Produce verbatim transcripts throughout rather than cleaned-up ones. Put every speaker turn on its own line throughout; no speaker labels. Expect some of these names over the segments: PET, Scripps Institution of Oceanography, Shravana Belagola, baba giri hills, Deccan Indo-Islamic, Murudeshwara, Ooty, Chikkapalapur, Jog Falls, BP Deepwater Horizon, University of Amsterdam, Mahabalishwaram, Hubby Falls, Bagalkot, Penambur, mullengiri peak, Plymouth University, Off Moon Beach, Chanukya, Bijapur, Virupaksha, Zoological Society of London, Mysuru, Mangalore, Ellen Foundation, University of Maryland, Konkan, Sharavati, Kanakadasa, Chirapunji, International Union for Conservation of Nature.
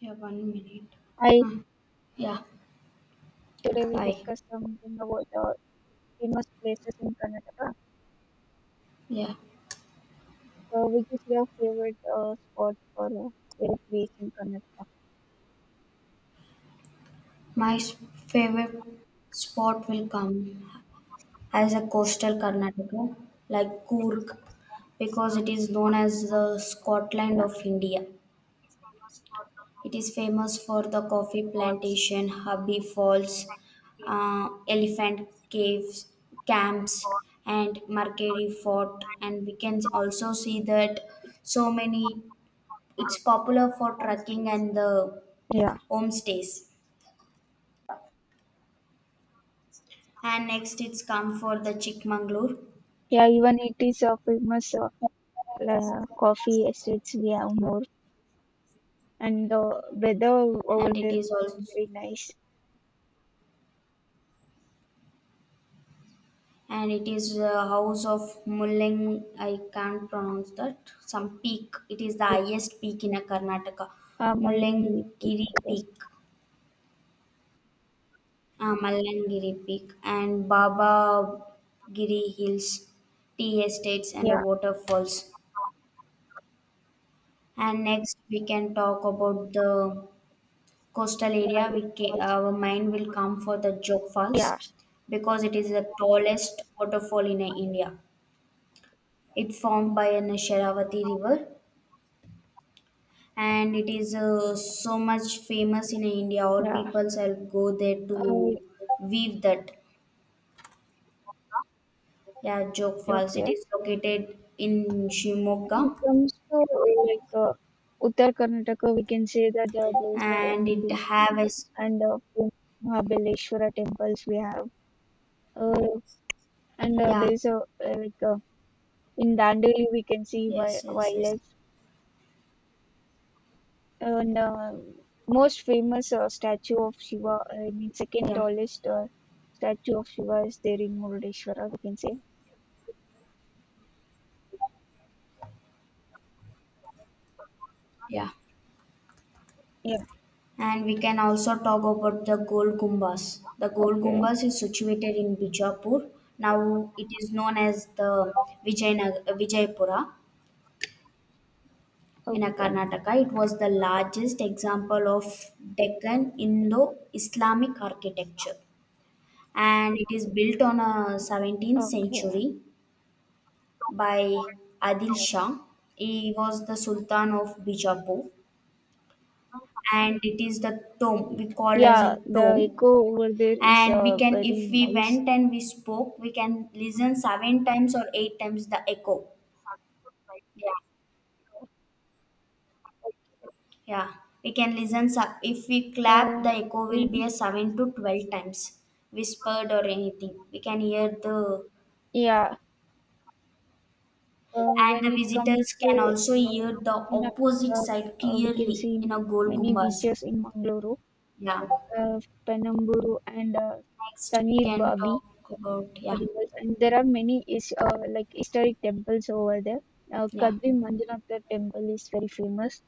Yeah, one minute.
I
Huh. Yeah,
Today will
I
discuss something about uh, famous places in Karnataka.
yeah.
So, which is your favorite uh, spot or uh, favorite place in Karnataka?
My s- favorite spot will come as a coastal Karnataka, like
Yeah,
Coorg, because it is known as the Scotland of India. It is famous for the coffee plantation, Hubby Falls, uh, elephant caves, camps, and Mercury Fort. And we can also see that so many. It's popular for trekking and the
yeah,
homestays, and next it's come for the Chikmagalur.
yeah. Even it is a famous uh, la- coffee estates we have more, and the weather over
and
there
it
is
is also
very nice.
and it is the house of mulling. I can't pronounce that, some peak. It is the
Yeah,
highest peak in a Karnataka.
uh, Malangi Peak,
Mullengiri
I guess.
peak, uh, mallangiri peak, and Baba Giri hills, tea estates, and
Yeah,
waterfalls. And next we can talk about the coastal
yeah,
area. We
it
ca-
was-
our mind will come for the Jog Falls,
yeah,
because it is the tallest waterfall in uh, India. It formed by an Sharavati river, and it is uh, so much famous in uh, India. All
yeah.
people shall go there
Uh,
to weave that. Yeah, Jog Falls. It
okay.
is located in
When it
Shimoga
comes to uh, like uh, Uttar Karnataka, we can say that uh, there is a
and
own
it
beach
have a s-
and a few Mahabaleshwara temples we have. Uh, and uh,
yeah,
There is a uh, like uh, in Dandeli we can see wi-
yes yes yes,
wildlife and uh, most famous uh, statue of Shiva. I mean, second
yeah,
tallest uh, statue of Shiva is there in Murudeshwara, we can say.
yeah.
Yeah.
And we can also talk about the Gold Gumbas. The Gold
Okay.
Gumbas is situated in Bijapur. Now it is known as the Vijayana- Vijaypura in a
Okay.
Karnataka. It was the largest example of Deccan Indo-Islamic architecture. And it is built on a seventeenth
Okay.
century by Adil Shah. He was the Sultan of Bijapur. And it is the tomb, we call as
Yeah,
a
the
tomb.
echo over there is
And we
uh,
can,
very
if we
nice.
went and we spoke, we can listen seven times or eight times the echo. Yeah, yeah, we can listen, sub- if we clap
Uh,
the echo will be
in
a seven to twelve times whispered or anything. We can hear the,
yeah, uh,
and
when
the
it comes
visitors
to
can also
uh,
hear the
China,
opposite
uh,
side
uh, we can
clearly
see
in a gold
many
gumbas.
beaches in Mangalore,
Yeah,
uh, Penambur, and uh,
next we
Tanir
can
Babi
talk about,
uh,
yeah,
temples, and there are many is uh, like historic temples over there. Uh,
yeah,
Kadvi Manjunathar temple is very famous,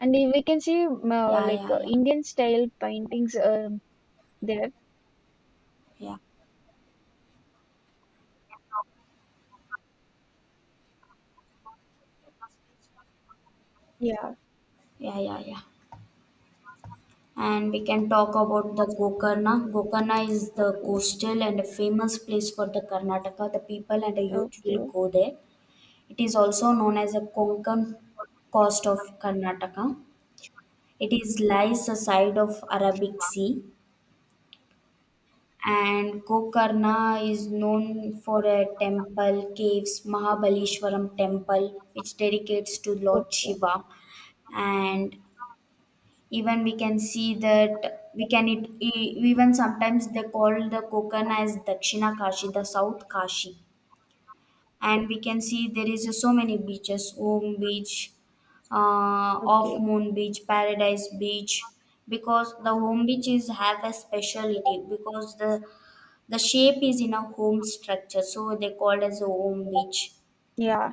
and i- we can see um, uh,
yeah,
like
yeah,
uh,
yeah,
Indian style paintings um there.
yeah,
Yeah.
yeah, yeah, yeah. And we can talk about the Gokarna. Gokarna is the
Okay.
coastal and a famous place for the Karnataka. The people and the youth will
Okay.
go there. It is also known as a Konkan coast of Karnataka. It is lies aside of Arabic Sea. And Gokarna is known for a temple, caves, Mahabalishwaram temple, which dedicates to Lord
Okay.
Shiva. And even we can see that we can, it e- even sometimes they call the Konkan as Dakshina Kashi, the South Kashi. And we can see there is so many beaches: Home Beach, uh, Off
Okay.
Moon Beach, Paradise Beach, because the home beaches have a speciality because the the shape is in a home structure, so they called as a home beach.
Yeah.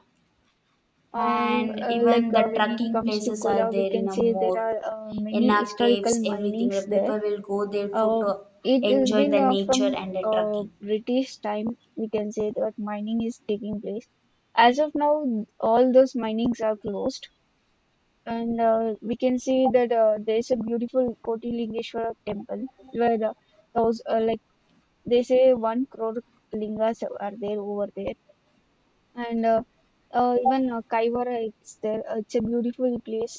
I
And
uh, like
even the
uh, When it
trekking
comes to
places are
Kola, we
there
can
in a
say there
more
are uh, many
enna
historical
caves. Everything the
minings there.
people will go there for,
Uh,
to
it has
enjoy
been
the
uh,
nature
from
and the
uh,
trekking.
British time, we can say that mining is taking place. As of now, all those minings are closed, and uh, we can see that uh, there is a beautiful Kotilingeshwara temple where the those uh, like they say one crore lingas are there over there, and uh, uh, even uh, Kaivara, it's there. Uh, It's a beautiful place.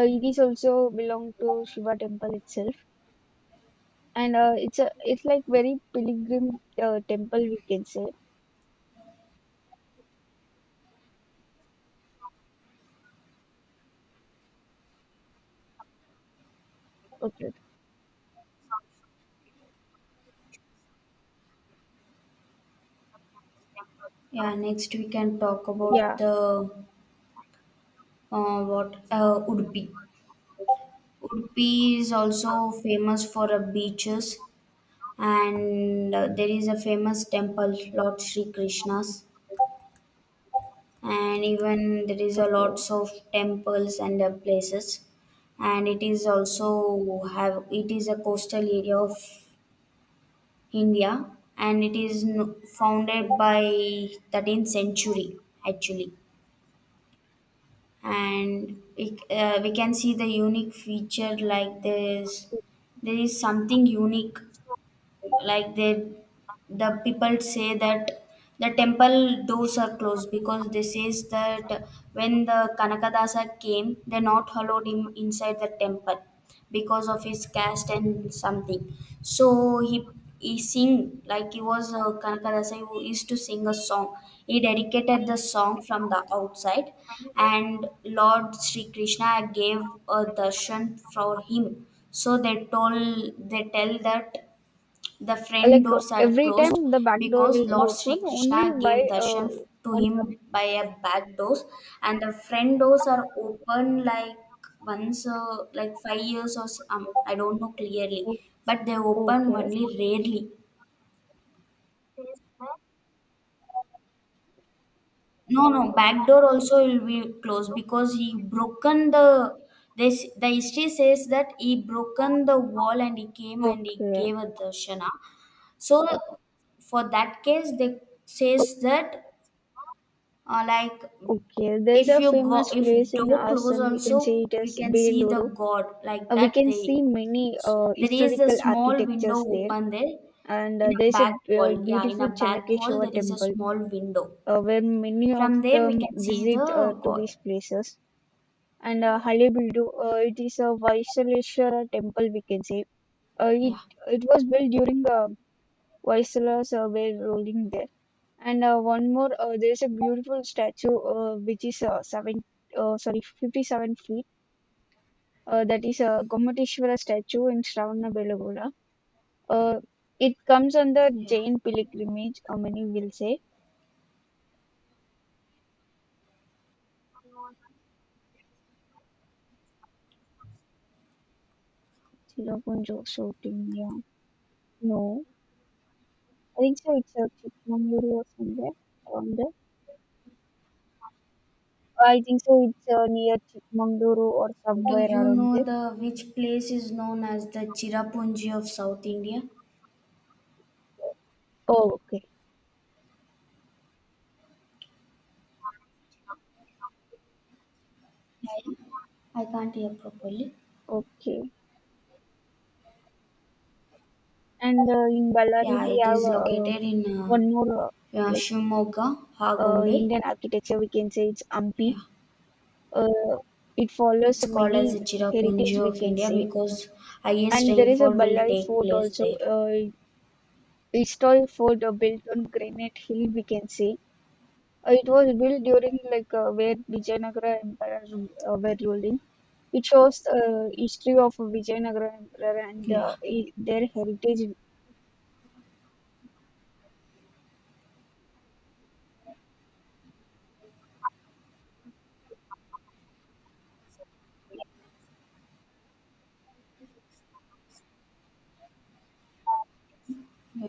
Uh, it is also belong to Shiva temple itself, and uh, it's a it's like very pilgrim uh, temple, we can say. Okay,
Yeah, next we can talk about
yeah,
the, uh, what uh, udupi. Udupi is also famous for uh, beaches, and uh, there is a famous temple, lord Sri Krishna's. And even there is a
okay.
lots of temples and uh, places. And it is also have, it is a coastal area of India. And it is no- founded by thirteenth century actually. And it, uh, we can see the unique feature like this. There is something unique, like they, the people say that the temple doors are closed because they says that, when the kanakadasa came, they not allowed him inside the temple because of his caste and something. So he he sing, like he was uh, kanakadasa, who used to sing a song. He dedicated the song from the outside, and lord Sri Krishna gave a darshan for him. So they told, they tell that the
Uh,
front
Like uh,
doors are
every
closed
time the back door
because
will be
Lord Sri
open only
Krishna gave
by uh,
darshan to
on some.
him by a back doors, and the front doors are open like once, uh, like five years or s- um, I don't know clearly,
o-
but they open
Okay,
only rarely. No, no, back door also will be closed because he broken the. This the history says that he broken the wall and he came and he
okay,
gave a darshana. So
o-
for that case, they
o-
says that, uh, like
okay. There's
if
a
you go,
famous
if
place in
door close
Assam, we can
also,
say it
we
is as
can see the
Beluru.
god, like
Uh, we
that
can
they,
see many uh,
there is a
historical
small window
architectures there,
open there
and uh,
in a
there's a
back
uh,
wall, yeah, in
beautiful
a back wall
Channakeshwar
there is a
temple,
small window.
uh, where many of
From there we
them
can see
visit uh,
the
to
god.
these places. And uh, Halebeedu, uh, it is a Vaisaleshwara temple, we can say. Uh, it,
Yeah,
it was built during uh, Vaisala's uh, were ruling there. And uh, one more, uh, there is a beautiful statue uh, which is uh, seven, uh, sorry, fifty-seven feet. Uh, that is a Gomateshwara statue in Shravanabelagola. Uh, it comes under
yeah,
Jain pilgrimage, uh, many will say. Chirapunjo, South India. No. I think so it's a Chikmagaluru or somewhere around there. I think so it's uh, near Chikmagaluru or
do
somewhere
you
around
know
there.
the which place is known as the Chirapunji of South India?
Oh, okay.
Yeah. I can't hear properly.
Okay. And uh, in Ballari,
Yeah,
we
it
have
is
uh,
located in uh,
one more uh,
uh,
like
Shimoga,
uh,
Hagombe.
Indian architecture, we can say it's Hampi.
Yeah.
Uh, it follows
It's called as the
many
Chirapunji
heritage, we
of
can
India
say,
because highest
and there is a
rainfall will
Ballari
take
fort
place
also.
there.
Uh, historic fort uh, built on Granite Hill, we can say. Uh, it was built during like uh, where Vijayanagara Empire uh, were ruling. It shows the history of Vijayanagara Emperor and the,
Yeah,
i- their heritage.
yeah,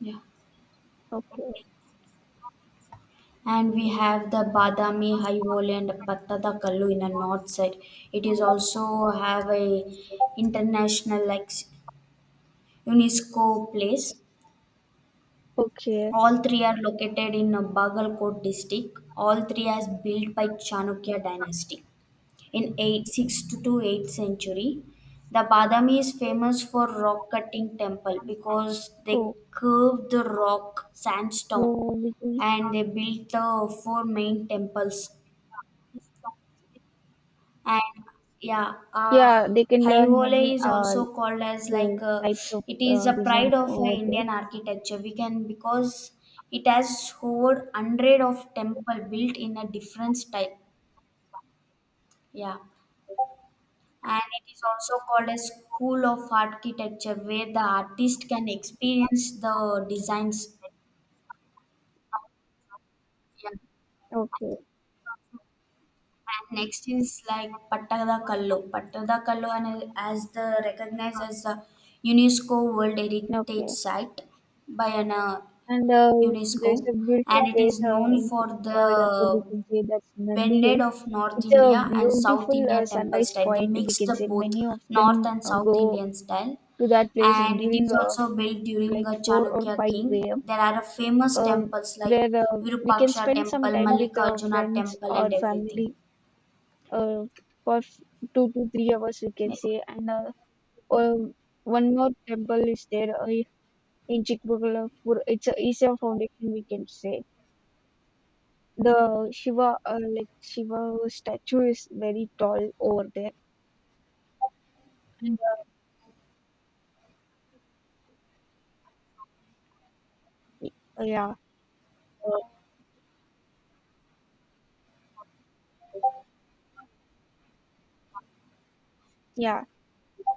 yeah.
Okay,
And we have the Badami, High Valley, and Pattadakallu in the north side. It is also have a international like s- UNESCO place.
okay.
All three are located in uh, Bagalkot district. All three as built by Chanukya dynasty, in eight sixty-two to eighth century. The Badami is famous for rock cutting temple because they
Oh,
curved the rock
uh,
sandstone,
which is
and they built the four main temples. And yeah,
yeah,
uh,
they can learn many
Haihole is
uh,
also called as
uh,
like uh,
types of
it is
uh,
a
designs
pride of uh,
over there.
Indian architecture. We can, because it has over hundred of temple built in a different style. Yeah. And it is also called a school of architecture where the artist can experience the designs. Yeah.
Okay.
And next is like pattadakallu. Pattadakallu and as the recognized as the UNESCO world heritage
Okay.
site by an uh,
And uh,
UNESCO.
there's a
And
beautiful
it
place
is
uh,
known
in
for the
Chikkapalapur, we can say that's Nandi
blended
Hills.
of North
It's a
India and South
beautiful
India
uh,
temple
sunrise
style. They
point, we
mixed
can
the
say
both
many of
North
them
and
uh,
South
go
Indian style,
to that place
and it
during
is
uh,
also
f-
built during
like
a
four or
Chanakya king.
five a m,
There are a famous
uh,
temples like
where uh, we can
Virupaksha
spend some
temple,
time with our
Mallikarjuna
friends
temple,
or
and everything.
family uh, for f- two to three hours, we can
Yeah.
say. And uh, uh, One more temple is there uh, in Chikmagalpur. It's a Isha Foundation, we can say. The Shiva, uh, like Shiva statue, is very tall over there. And uh, y- uh, yeah, uh, yeah.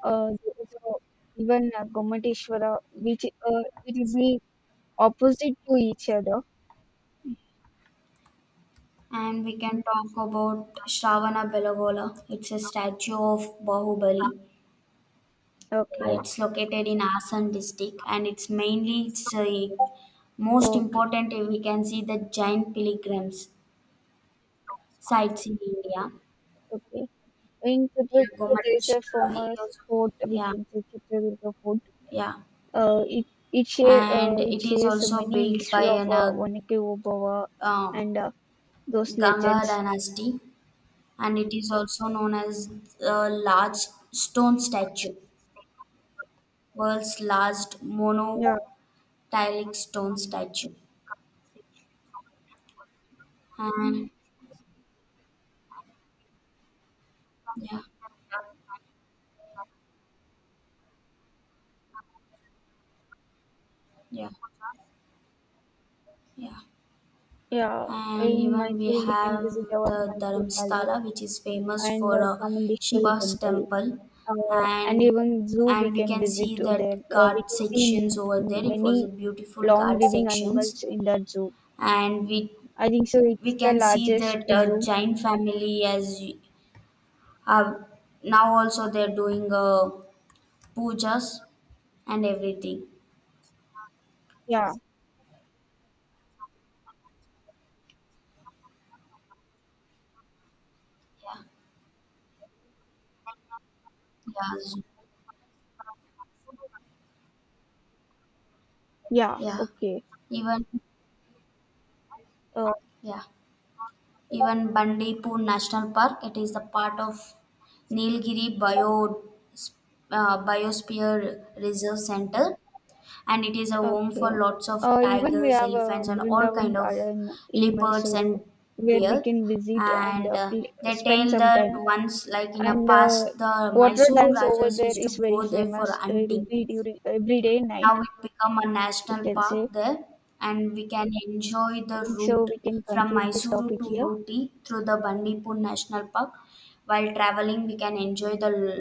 Uh, there is a, even uh, Gomateshwara, which uh, it is the opposite to each other.
And we can talk about Shravana Belagola. It's a statue of Bahubali.
Okay.
It's located in Asan district, and it's mainly it's a most
Okay.
important, we can see the giant pilgrims sites in India.
Okay. In
Yeah.
Chitraduga, there is a
Gomateshwara. It
famous
was-
fort, we
Yeah,
can say Chitraduga fort.
yeah,
Uh, it it share, uh,
and
it
it is
shares
also
many
built by
history of
an
uh,
uh,
Wanake Obawa
um,
and uh, those
Ganga
legends.
dynasty, and it is also known as a large stone statue, world's largest
Yeah,
monolithic stone statue. And yeah, yeah, yeah.
yeah.
And
In
even we
Mysore, we can
have
visit our
the
Mysore Palace
Dharamstala, which is famous
and
for
uh,
uh,
Chamundeshwari
Shiva's
Temple,
temple.
uh, and
And
even zoo we
and we
can
can
visit
see
to there.
that
Uh, we
guard
can see
sections
m-
over there. It was a
many
beautiful
long
guard
living
sections,
animals in that zoo.
and we
I think so
we
it's the
can see
largest
that uh,
zoo.
Jain family as y- are now also they're doing uh, pujas and everything.
Yeah,
Yeah, yeah,
yeah.
yeah.
Okay.
Even
Oh,
yeah. Even Bandipur National Park. It is the part of Nilgiri Bio, uh, Biosphere Reserve Center, and it is a home
okay.
for lots of
Uh, even we
tigers,
have a
elephants, and all
Brindavan
kind of
Garden in
leopards
Mysuru
and
where we
bear.
can visit and
And
uh,
uh,
play,
they
spend
tell
some
that
time.
once, like in a
And uh,
past, the
water
Mysuru
dance over
Rajas
there
used
is
to
very
go there for
famous. Uh, It will
hunting.
be during every day
Now
night,
it become a
we
national
can
park
say.
there, and we can enjoy
I
the
think so
route
we can
from
conclude this
Mysuru
topic
to
here.
Ooty through the Bandipur National Park. While traveling, we can enjoy the l-